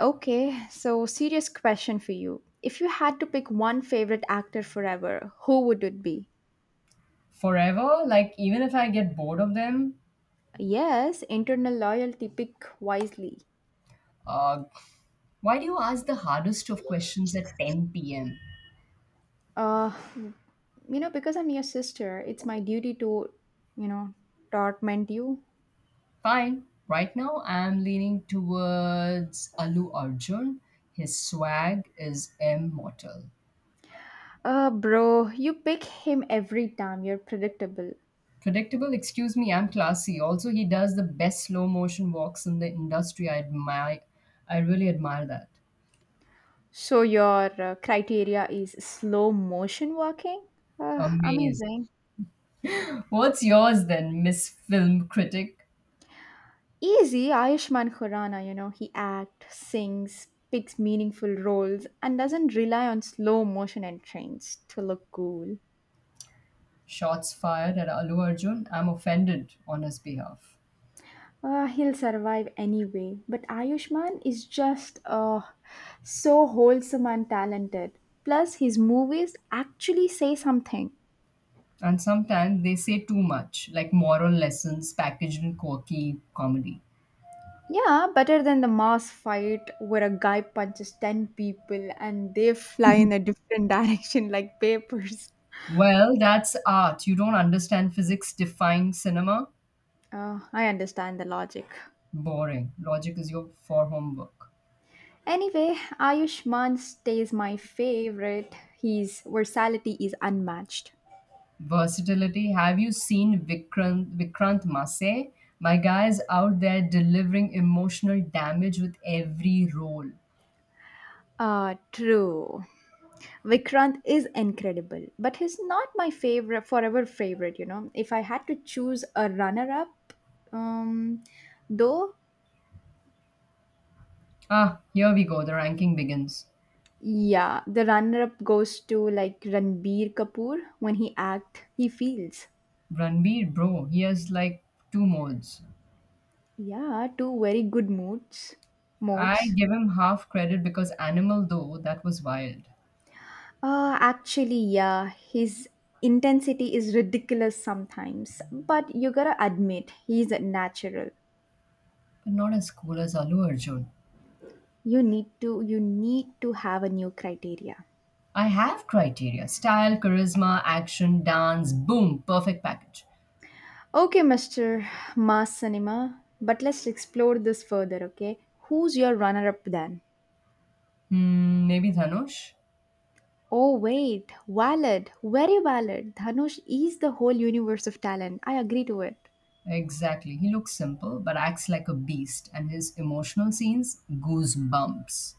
Okay, so serious question for you. If you had to pick one favorite actor forever, who would it be? Forever, like even if I get bored of them. Yes, internal loyalty, pick wisely. uh, why do you ask the hardest of questions at 10 p.m.? Uh, you because I'm your sister, it's my duty to, you know, torment you. Fine, right now I'm leaning towards Alu Arjun. His swag is immortal. Bro, you pick him every time. You're predictable. Predictable? Excuse me, I'm classy. Also, he does the best slow motion walks in the industry. I admire. I really admire that. So your criteria is slow motion walking? Amazing. Amazing. What's yours then, Miss Film Critic? Easy Ayushman Khurrana, he acts, sings, picks meaningful roles, and doesn't rely on slow motion and trends to look cool. Shots fired at Alu Arjun. I'm offended on his behalf. He'll survive anyway, but Ayushman is just so wholesome and talented. Plus, his movies actually say something. And sometimes they say too much, like moral lessons packaged in quirky comedy. Yeah, better than the mass fight where a guy punches 10 people and they fly in a different direction like papers. Well, that's art. You don't understand physics, defying cinema? I understand the logic. Boring. Logic is your for homework. Anyway, Ayushman stays my favorite. His versatility is unmatched. Versatility. Have you seen Vikrant Masse? My guy is out there delivering emotional damage with every role. True. Vikrant is incredible, but he's not my favorite, forever favorite. If I had to choose a runner up, um, though, Ah, here we go. The ranking begins. yeah, the runner up goes to like Ranbir Kapoor when he act, he feels. Ranbir, bro, he has like two modes. Yeah, two very good moods, I modes. give him half credit because Animal, though, that was wild. Actually, yeah, his intensity is ridiculous sometimes, but you gotta admit he's natural. But not as cool as Allu Arjun. You need to have a new criteria. I have criteria style, charisma, action, dance, boom, perfect package. Okay, Mr. Mass Cinema, but let's explore this further, okay? Who's your runner-up then? Hmm, maybe Dhanush? Oh wait, valid, very valid. Dhanush is the whole universe of talent. I agree to it. Exactly. He looks simple but acts like a beast, and his emotional scenes, goosebumps.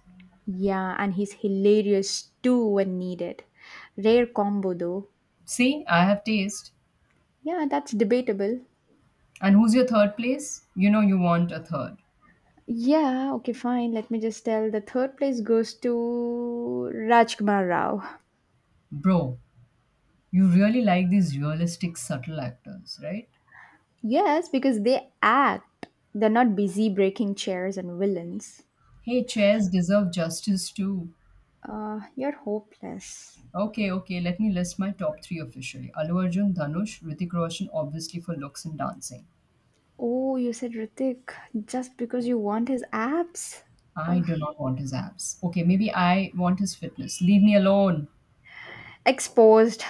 Yeah, and he's hilarious too when needed. Rare combo though. See, I have taste. Yeah, that's debatable. And who's your third place? You know you want a third. Yeah, okay, fine. Let me just tell. The third place goes to Rajkumar Rao. Bro, you really like these realistic, subtle actors, right? Yes, because they act. They're not busy breaking chairs and villains. Hey, chairs deserve justice too. You're hopeless. Okay, okay, let me list my top three officially. Allu Arjun, Dhanush, Ritik Roshan, obviously for looks and dancing. Oh, you said Ritik just because you want his abs? I Ugh. do not want his abs. Okay, maybe I want his fitness. Leave me alone. Exposed.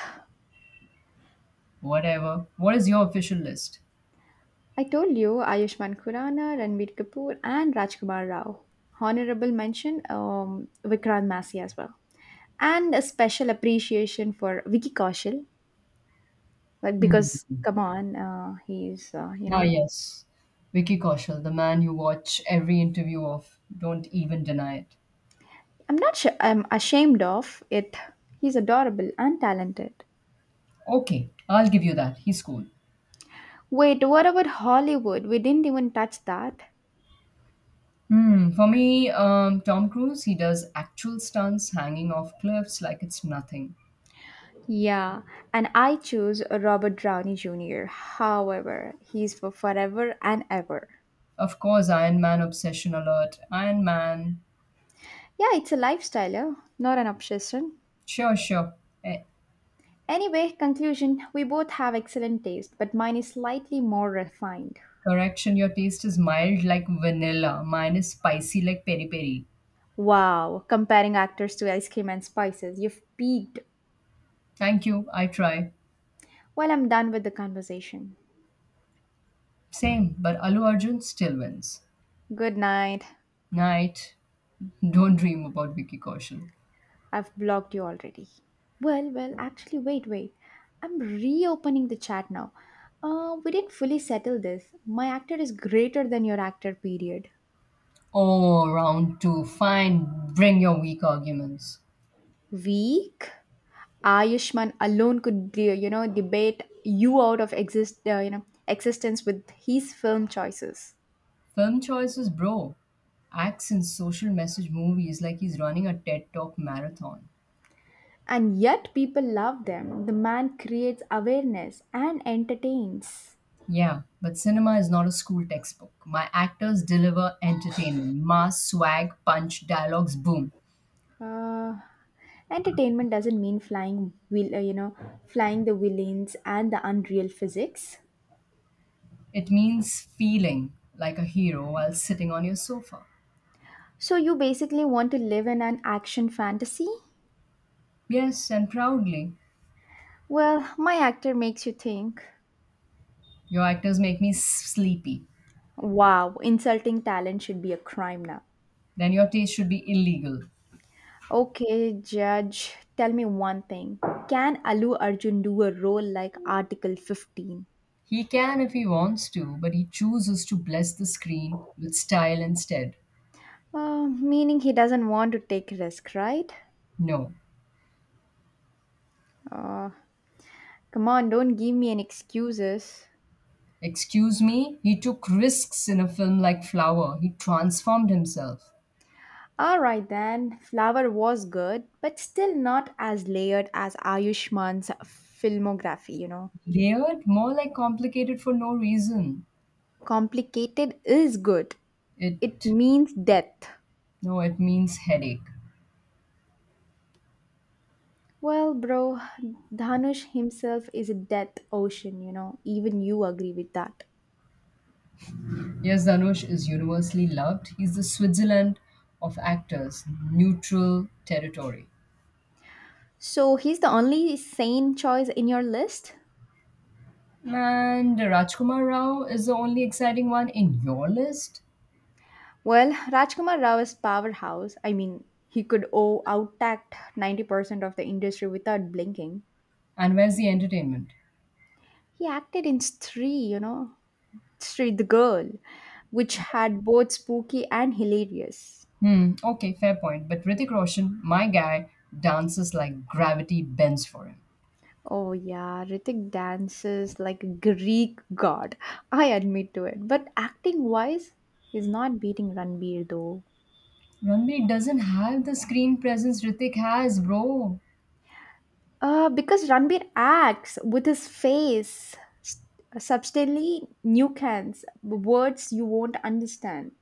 Whatever. What is your official list? I told you Ayushman Khurana, Ranbir Kapoor, and Rajkumar Rao. Honorable mention, Vikrant Massey as well. And a special appreciation for Vicky Kaushal, like, Hmm. because, come on, he's uh, you Ah, know yes. Vicky Kaushal, the man you watch every interview of. Don't even deny it. I'm not sure I'm ashamed of it. He's adorable and talented. Okay, I'll give you that. He's cool. Wait, what about Hollywood? We didn't even touch that. Hmm, for me, Tom Cruise, he does actual stunts hanging off cliffs like it's nothing. Yeah, and I choose Robert Downey Jr., however he's for forever and ever. Of course, Iron Man obsession alert. Iron Man. Yeah, it's a lifestyle. Yeah, not an obsession. Sure, sure. Eh, Anyway, conclusion, we both have excellent taste, but mine is slightly more refined. Correction, your taste is mild like vanilla. Mine is spicy like peri peri. Wow, comparing actors to ice cream and spices, you've peaked. Thank you, I try. Well, I'm done with the conversation. Same, but Alu Arjun still wins. Good night. Night. Don't dream about Vicky Kaushal. I've blocked you already. Well, well, actually, wait, wait. I'm reopening the chat now. We didn't fully settle this. My actor is greater than your actor, period. Oh, round two. Fine, bring your weak arguments. Weak? Ayushman alone could be debate you out of existence with his film choices. Film choices, bro. Acts in social message movies like he's running a TED Talk marathon. And yet people love them. The man creates awareness and entertains. Yeah, but cinema is not a school textbook. My actors deliver entertainment, mass swag, punch, dialogues, boom. Uh, Entertainment doesn't mean flying will flying the villains and the unreal physics. It means feeling like a hero while sitting on your sofa. So you basically want to live in an action fantasy? Yes, and proudly. Well, my actor makes you think. Your actors make me sleepy. Wow, insulting talent should be a crime now. Then your taste should be illegal. Okay, judge, tell me one thing. Can Alu Arjun do a role like Article 15? He can if he wants to, but he chooses to bless the screen with style instead. Meaning he doesn't want to take risk, right? No. Uh, Come on, don't give me any excuses. Excuse me, he took risks in a film like Flower. He transformed himself. Alright then, Flower was good, but still not as layered as Ayushman's filmography. Layered, more like complicated for no reason. Complicated is good, it It means death. No, it means headache. Well, bro, Dhanush himself is a death ocean. Even you agree with that. Yes, Dhanush is universally loved. He's the Switzerland of actors, neutral territory. So he's the only sane choice in your list? And Rajkumar Rao is the only exciting one in your list. Well, Rajkumar Rao is powerhouse. I mean, he could outact 90% of the industry without blinking. And where's the entertainment? He acted in Stree. Street the Girl, which had both spooky and hilarious. Hmm, okay, fair point. But Hrithik Roshan, my guy, dances like gravity bends for him. Oh yeah, Ritik dances like a Greek god. I admit to it. But acting wise, he's not beating Ranbir though. Ranbir doesn't have the screen presence Hrithik has, bro. Because Ranbir acts with his face, subtly nuance, words you won't understand.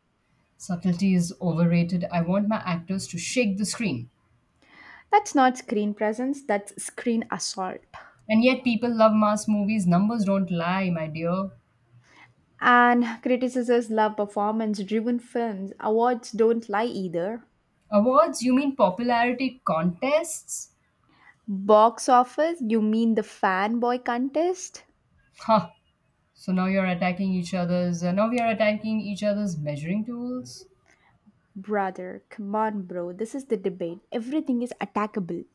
Subtlety is overrated. I want my actors to shake the screen. That's not screen presence, that's screen assault. And yet people love mass movies. Numbers don't lie, my dear. And criticizers love performance driven films. Awards don't lie either. Awards? You mean popularity contests? Box office? You mean the fanboy contest? Huh. So now you're attacking each other's. Now we are attacking each other's measuring tools? Brother, come on, bro. This is the debate. Everything is attackable.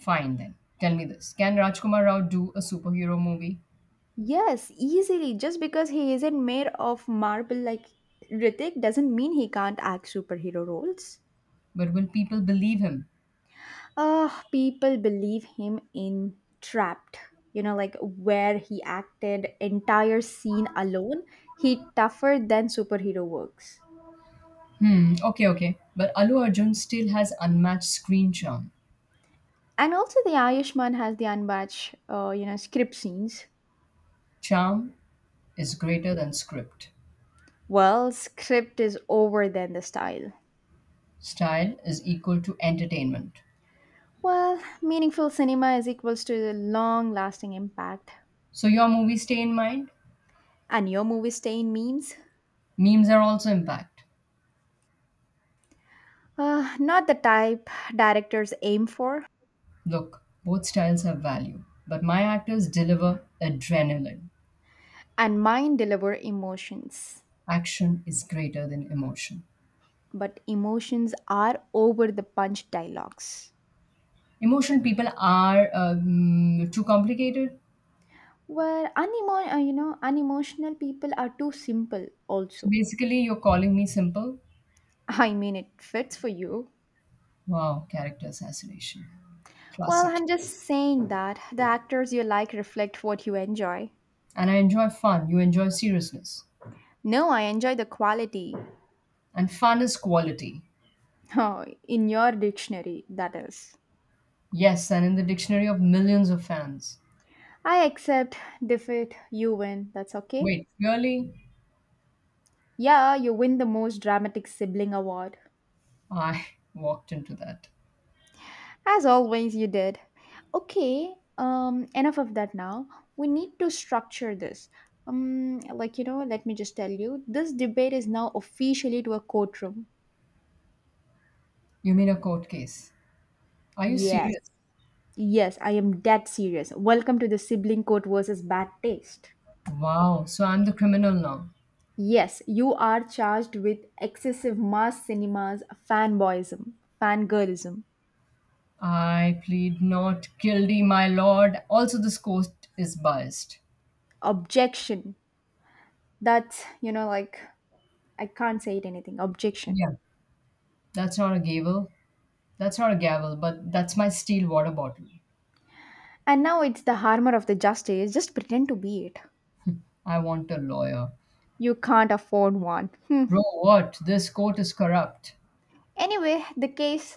Fine then. Tell me this. Can Rajkumar Rao do a superhero movie? Yes, easily. Just because he isn't made of marble like Ritik doesn't mean he can't act superhero roles. But will people believe him? Ah, people believe him in Trapped. You know, like where he acted entire scene alone. He tougher than superhero works. Hmm, okay, okay. But Alu Arjun still has unmatched screen charm. And also, the Ayushman has the unbatched, script scenes. Charm is greater than script. Well, script is over than the style. Style is equal to entertainment. Well, meaningful cinema is equals to the long lasting impact. So your movies stay in mind. And your movie stay in memes? Memes are also impact. Not the type directors aim for. Look, both styles have value, but my actors deliver adrenaline. And mine deliver emotions. Action is greater than emotion. But emotions are over the punch dialogues. Emotion people are too complicated. Where unemotional people are too simple So also. basically, you're calling me simple. I mean, it fits for you. Wow, character assassination. Well, Classic. I'm just saying that the actors you like reflect what you enjoy. And I enjoy fun. You enjoy seriousness. No, I enjoy the quality. And fun is quality. Oh, in your dictionary, that is. Yes, and in the dictionary of millions of fans. I accept defeat, you win, that's okay. Wait, really? Yeah, you win the most dramatic sibling award. I walked into that. As always, you did. Okay, enough of that now. We need to structure this. Like, let me just tell you this debate is now officially to a courtroom. You mean a court case? Are you Yes, serious? yes, I am dead serious. Welcome to the sibling court versus bad taste. Wow, so I'm the criminal now. Yes, you are charged with excessive mass cinemas, fanboyism, fangirlism. I plead not guilty, my lord. Also, this court is biased. Objection. That's, like, I can't say it anything, objection. Yeah, that's not a gavel. That's not a gavel, but that's my steel water bottle. And now it's the armor of the justice, just pretend to be it. I want a lawyer. You can't afford one. Hmm. Bro, what? This court is corrupt. Anyway, the case,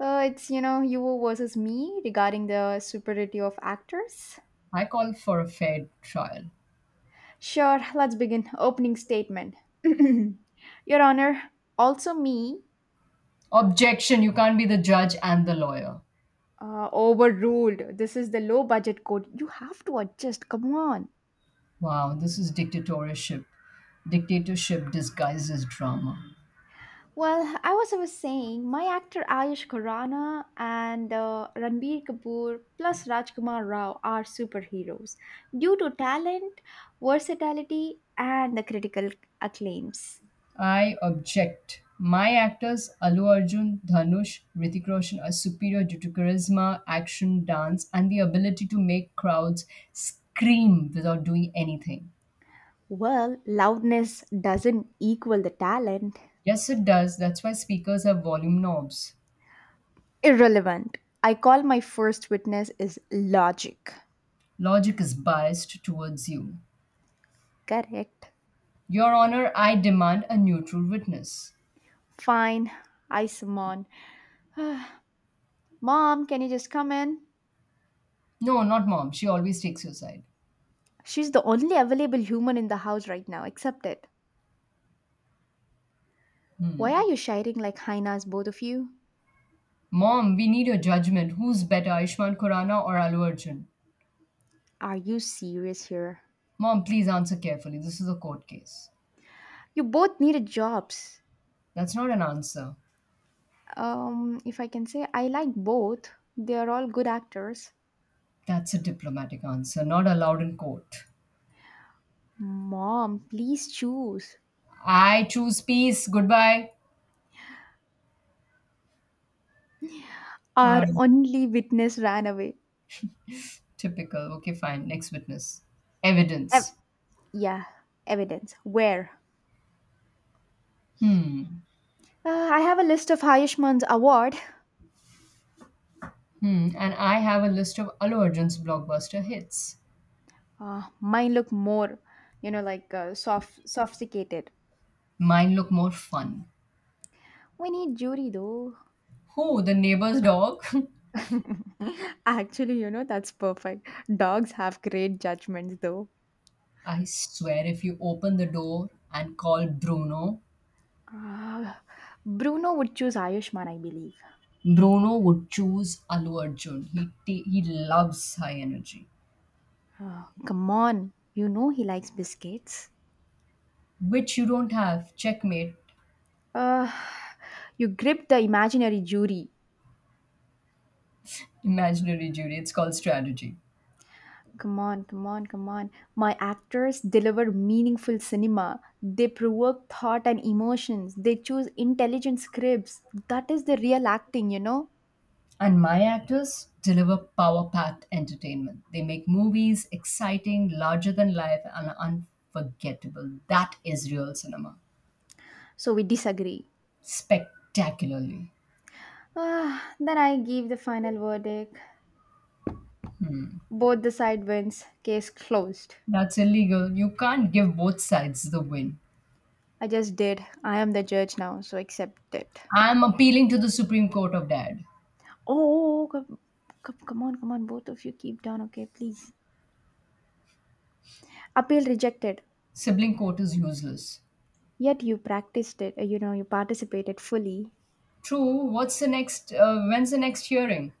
it's, you versus me regarding the superiority of actors. I call for a fair trial. Sure, let's begin. Opening statement. Your Honor, also me. Objection, you can't be the judge and the lawyer. Overruled. This is the low budget code. You have to adjust. Come on. Wow, this is dictatorship. Dictatorship disguised as drama. Well, I was saying, my actor Ayush Khurrana and Ranbir Kapoor plus Rajkumar Rao are superheroes due to talent, versatility, and the critical acclaims. I object. My actors, Alu Arjun, Dhanush, Ritik Roshan, are superior due to charisma, action, dance, and the ability to make crowds scream without doing anything. Well, loudness doesn't equal the talent. Yes, it does. That's why speakers have volume knobs. Irrelevant. I call my first witness is logic. Logic is biased towards you. Correct. Your Honor, I demand a neutral witness. Fine. I summon. Mom, can you just come in? No, not mom. She always takes your side. She's the only available human in the house right now, except it. Why are Hmm. you shiring like hyenas, both of you? Mom, we need your judgment. Who's better, Aishman Khurana or Alu Arjun? Are you serious here? Mom, please answer carefully. This is a court case. You both needed jobs. That's not an answer. If I can say, I like both. They are all good actors. That's a diplomatic answer, not allowed in court. Mom, please choose. I choose peace. Goodbye. Uh, Our only witness ran away. Typical. Okay, fine. Next witness. Ev- Evidence. yeah, evidence. Where? Hmm. I have a list of Ayushman's award. Hmm. And I have a list of Allu Arjun's blockbuster hits. Mine look more, like soft, sophisticated. Mine look more fun. We need jury though. Who? The neighbor's dog? Actually, that's perfect. Dogs have great judgments, though. I swear, if you open the door and call Bruno, Ah, Bruno would choose Ayushman, I believe. Bruno would choose Allu Arjun. He loves high energy, Ah, come on, you know he likes biscuits. which you don't have. Checkmate. Uh, you grip the imaginary jury. Imaginary jury, it's called strategy. Come on, come on, come on. My actors deliver meaningful cinema. They provoke thought and emotions. They choose intelligent scripts. That is the real acting, you know? And my actors deliver power packed entertainment. They make movies exciting, larger than life, and unforgettable. That is real cinema. So we disagree. Spectacularly. Ah, then I give the final verdict. Both the side wins. Case closed. That's illegal. You can't give both sides the win. I just did. I am the judge now, so accept it. I'm appealing to the Supreme Court of Dad. Oh, come, come, come on, come on. Both of you keep down, okay, please. Appeal rejected. Sibling court is useless. Yet you practiced it. You know, you participated fully. True. What's the next? When's the next hearing?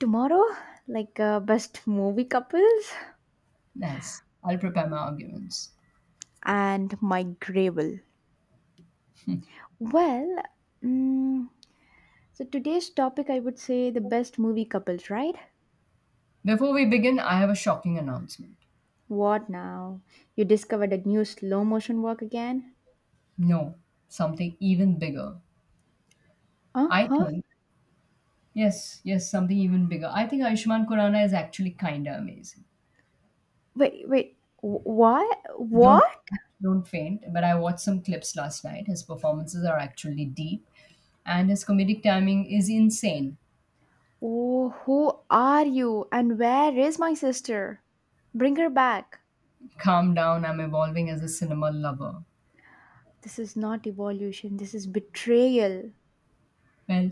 Tomorrow, like best movie couples Nice. I'll prepare my arguments. and my gravel. Well, mm, so today's topic, I would say the best movie couples, right? Before we begin, I have a shocking announcement. What now? You discovered a new slow motion work again? No, something even bigger. Uh I huh. think, yes, yes, something even bigger. I think Ayushmann Khurrana is actually kinda amazing. Wait, wait. What? Don't What? don't faint, but I watched some clips last night. His performances are actually deep, and his comedic timing is insane. Oh, who are you? And where is my sister? Bring her back. Calm down, I'm evolving as a cinema lover. This is not evolution. This is betrayal. Well,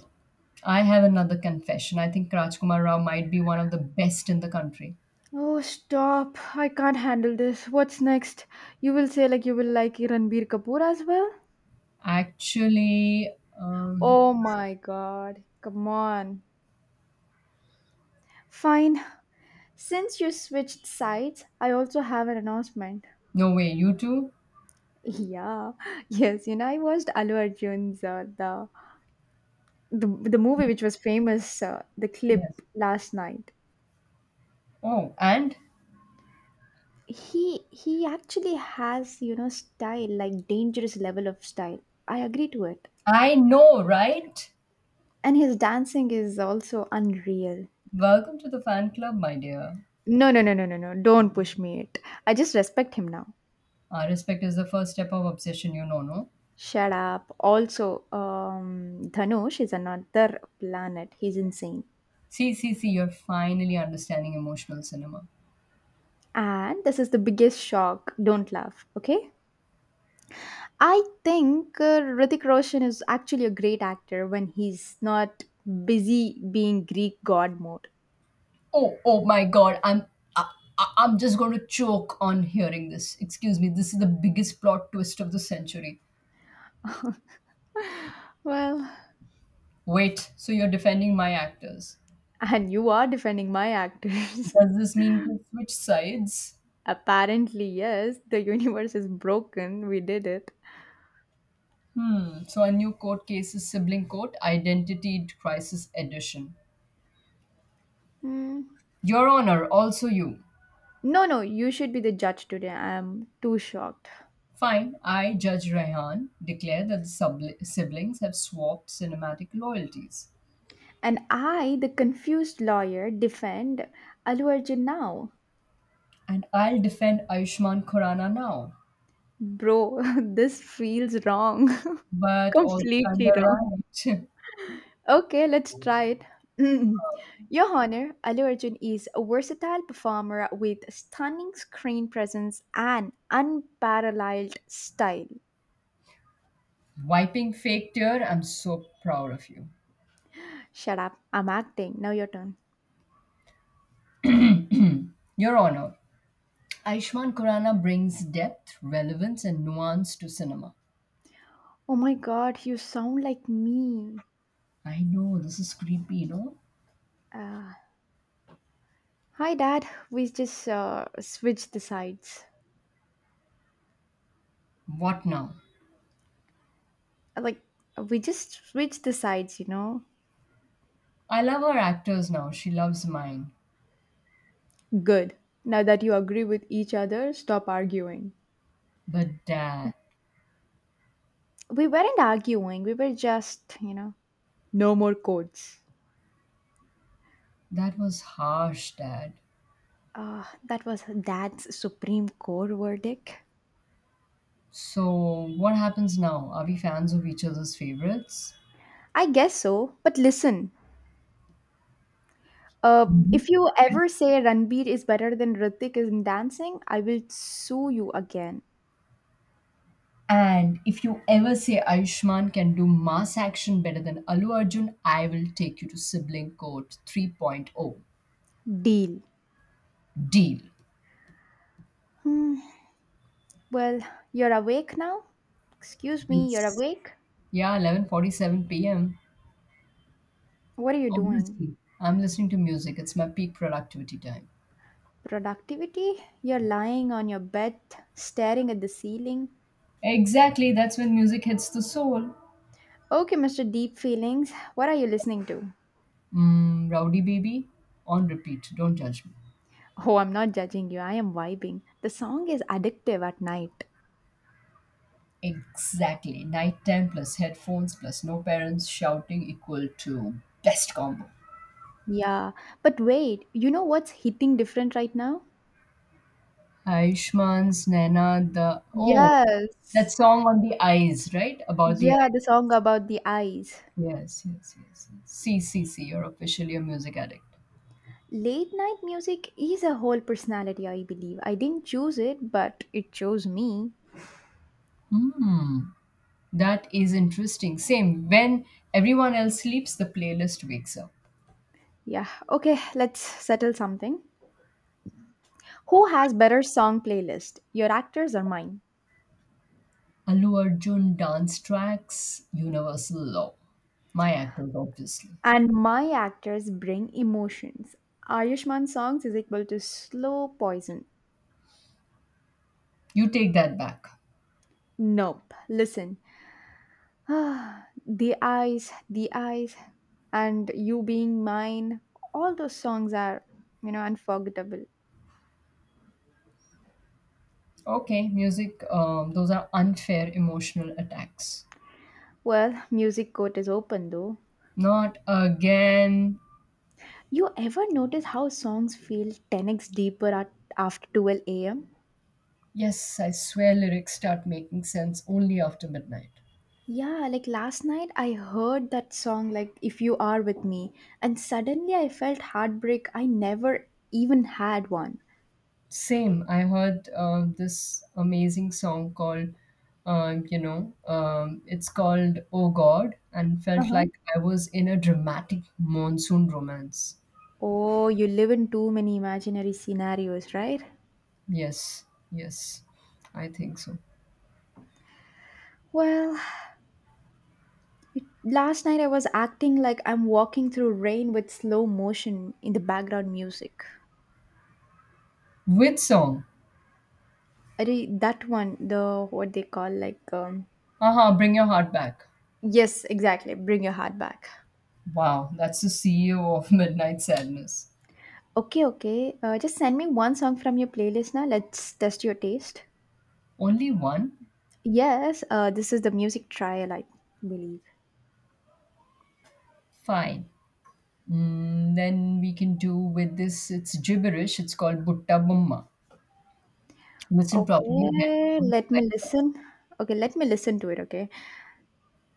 I have another confession. I think Rajkumar Rao might be one of the best in the country. Oh, stop. I can't handle this. What's next? You will say, like, you will like Ranbir Kapoor as well? Actually, um, Oh my god. Come on. Fine. Since you switched sides, I also have an announcement. no way, you too? Yeah. Yes, I watched Allu Arjun's the movie which was famous, the clip Yes. last night. Oh, and He actually has style like dangerous level of style. I agree to it, I know, right? and his dancing is also unreal. Welcome to the fan club, my dear. No no no no no no! Don't push me it. I just respect him now. Our respect is the first step of obsession, you know, no? Shut up. Also, Dhanush is another planet. He's insane, See, see, see, you're finally understanding emotional cinema. and this is the biggest shock. Don't laugh, okay? I think Hrithik Roshan is actually a great actor when he's not busy being Greek god mode. Oh my god, I, I'm just going to choke on hearing this. Excuse me, this is the biggest plot twist of the century. Well, Wait, so you're defending my actors. and you are defending my actors. Does this mean to switch sides? Apparently, yes, the universe is broken. We did it. Hmm, so a new court case is sibling court, identity crisis edition. Hmm. Your Honor, also you. No, no, you should be the judge today. I'm too shocked. Fine, I, Judge Rehan, declare that the subli siblings have swapped cinematic loyalties. And I, the confused lawyer, defend Alu Arjun now. And I'll defend Ayushmann Khurrana now. Bro, this feels wrong. But also, kind Completely wrong. right. Okay, let's try it. Your Honor, Allu Arjun is a versatile performer with stunning screen presence and unparalleled style. Wiping fake tear, I'm so proud of you. Shut up, I'm acting. Now your turn. Your Honor, Ayushmann Khurrana brings depth, relevance, and nuance to cinema. Oh my god, you sound like me. I know, this is creepy, you know? Uh, Hi, Dad. We just switched the sides. What now? Like, we just switched the sides, you know? I love her actors now, she loves mine. Good. Now that you agree with each other, stop arguing. But Dad, We weren't arguing, we were just. No more codes. that was harsh, Dad. That was Dad's Supreme Court verdict. So, what happens now? Are we fans of each other's favorites? I guess so. But listen, Mhm. if you Yes. ever say Ranbir is better than Ritik in dancing, I will sue you again. And if you ever say Ayushman can do mass action better than Alu Arjun, I will take you to Sibling Court 3.0. Deal. Deal. Hmm. Well, you're awake now? Excuse me, you're It's, awake? yeah, 11:47 p.m. What are you doing? Obviously, I'm listening to music. It's my peak productivity time. Productivity? You're lying on your bed, staring at the ceiling. Exactly, that's when music hits the soul. Okay, Mr. Deep Feelings, what are you listening to? Mm, rowdy baby, on repeat. Don't judge me. Oh, I'm not judging you. I am vibing. The song is addictive at night. Exactly. Nighttime plus headphones plus no parents shouting equal to best combo. Yeah. But wait, you know what's hitting different right now? Aishman's Naina, that Yes. song on the eyes, right? About the Yeah, the eyes. song about the eyes. Yes, yes, yes. See, see, see. You're officially a music addict. Late night music is a whole personality, I believe. I didn't choose it, but it chose me. Hmm. That is interesting. Same. When everyone else sleeps, the playlist wakes up. Yeah. Okay, let's settle something. Who has better song playlist? Your actors or mine? Allu Arjun dance tracks, universal law. My actors, obviously. And my actors bring emotions. Ayushman's songs is equal to slow poison. You take that back. Nope. Listen. The eyes, the eyes, and you being mine. All those songs are, unforgettable. Okay, music, those are unfair emotional attacks. Well, music court is open though. Not again. You ever notice how songs feel 10x deeper after 12 a.m.? Yes, I swear lyrics start making sense only after midnight. Yeah, like last night I heard that song, like If You Are With Me, and suddenly I felt heartbreak. I never even had one. Same, I heard this amazing song called, it's called Oh God, and Uh felt huh. like I was in a dramatic monsoon romance. Oh, you live in too many imaginary scenarios, right? Yes, yes, I think so. Well, last night I was acting like I'm walking through rain with slow motion in the background music. Which song? I did that one, the what they call, like, Aha, Bring Your Heart Back. yes, exactly. Bring your heart back. Wow, that's the CEO of Midnight Sadness. Okay, okay. Just send me one song from your playlist now. Let's test your taste. Only one? Yes, this is the music trial, I believe. Fine. Mm, then we can do with this. It's gibberish. It's called Butta Bumma. Listen properly. Okay, Headphones, let me lights off. listen. Okay, let me listen to it. Okay,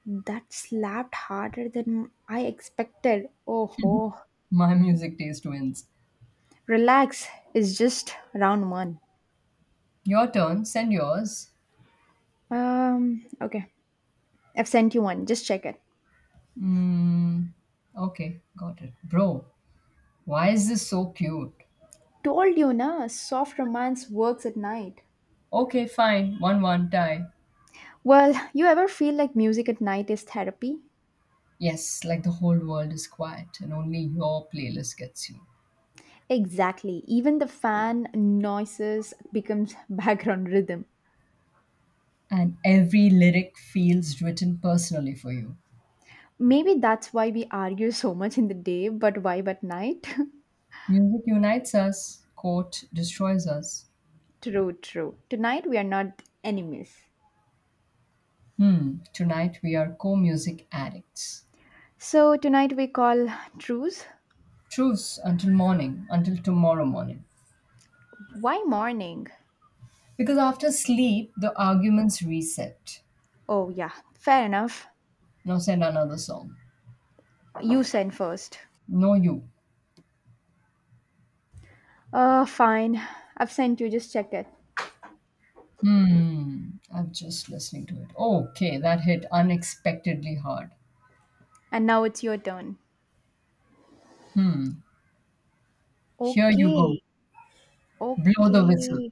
that slapped harder than I expected. Oh ho. My music taste wins. Relax, it's just round one. Your turn. Send yours. Okay. I've sent you one. Just check it. Mm, okay, got it. Bro, why is this so cute? Told you, na, soft romance works at night. Okay, fine. 1-1 tie. Well, you ever feel like music at night is therapy? Yes, like the whole world is quiet and only your playlist gets you. Exactly. Even the fan noises becomes background rhythm. And every lyric feels written personally for you. Maybe that's why we argue so much in the day, but vibe at night? Music unites us, quote destroys us. True, true. Tonight we are not enemies. Hmm, tonight we are co music addicts. So tonight we call truce. Truce until morning, until tomorrow morning. Why morning? Because after sleep, the arguments reset. Oh, yeah, fair enough. Now send another song. You send first. No, you. Fine. I've sent you, just check it. Hmm, I'm just listening to it. Okay, that hit unexpectedly hard. And now it's your turn. Hmm, here you go. Okay, Blow the whistle. okay.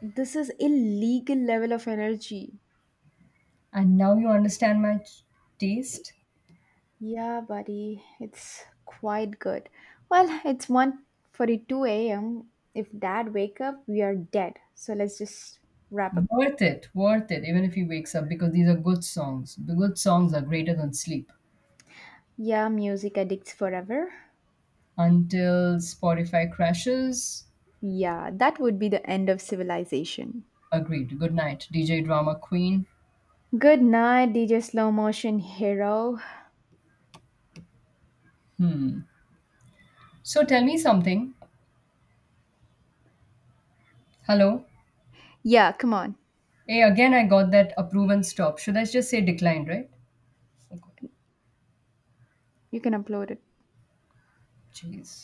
This is illegal level of energy. And now you understand my taste? Yeah, buddy, it's quite good. Well, it's 1:42 a.m. If Dad wake up, we are dead. So let's just wrap up. Worth it, even if he wakes up, because these are good songs. The good songs are greater than sleep. Yeah, music addicts forever. Until Spotify crashes, Yeah, that would be the end of civilization. agreed. Good night, DJ Drama Queen. Good night, DJ Slow Motion Hero. So tell me something. Hello. Yeah, come on. Hey, again, I got that approve and stop. Should I just say declined, right? Okay. You can upload it. Jeez.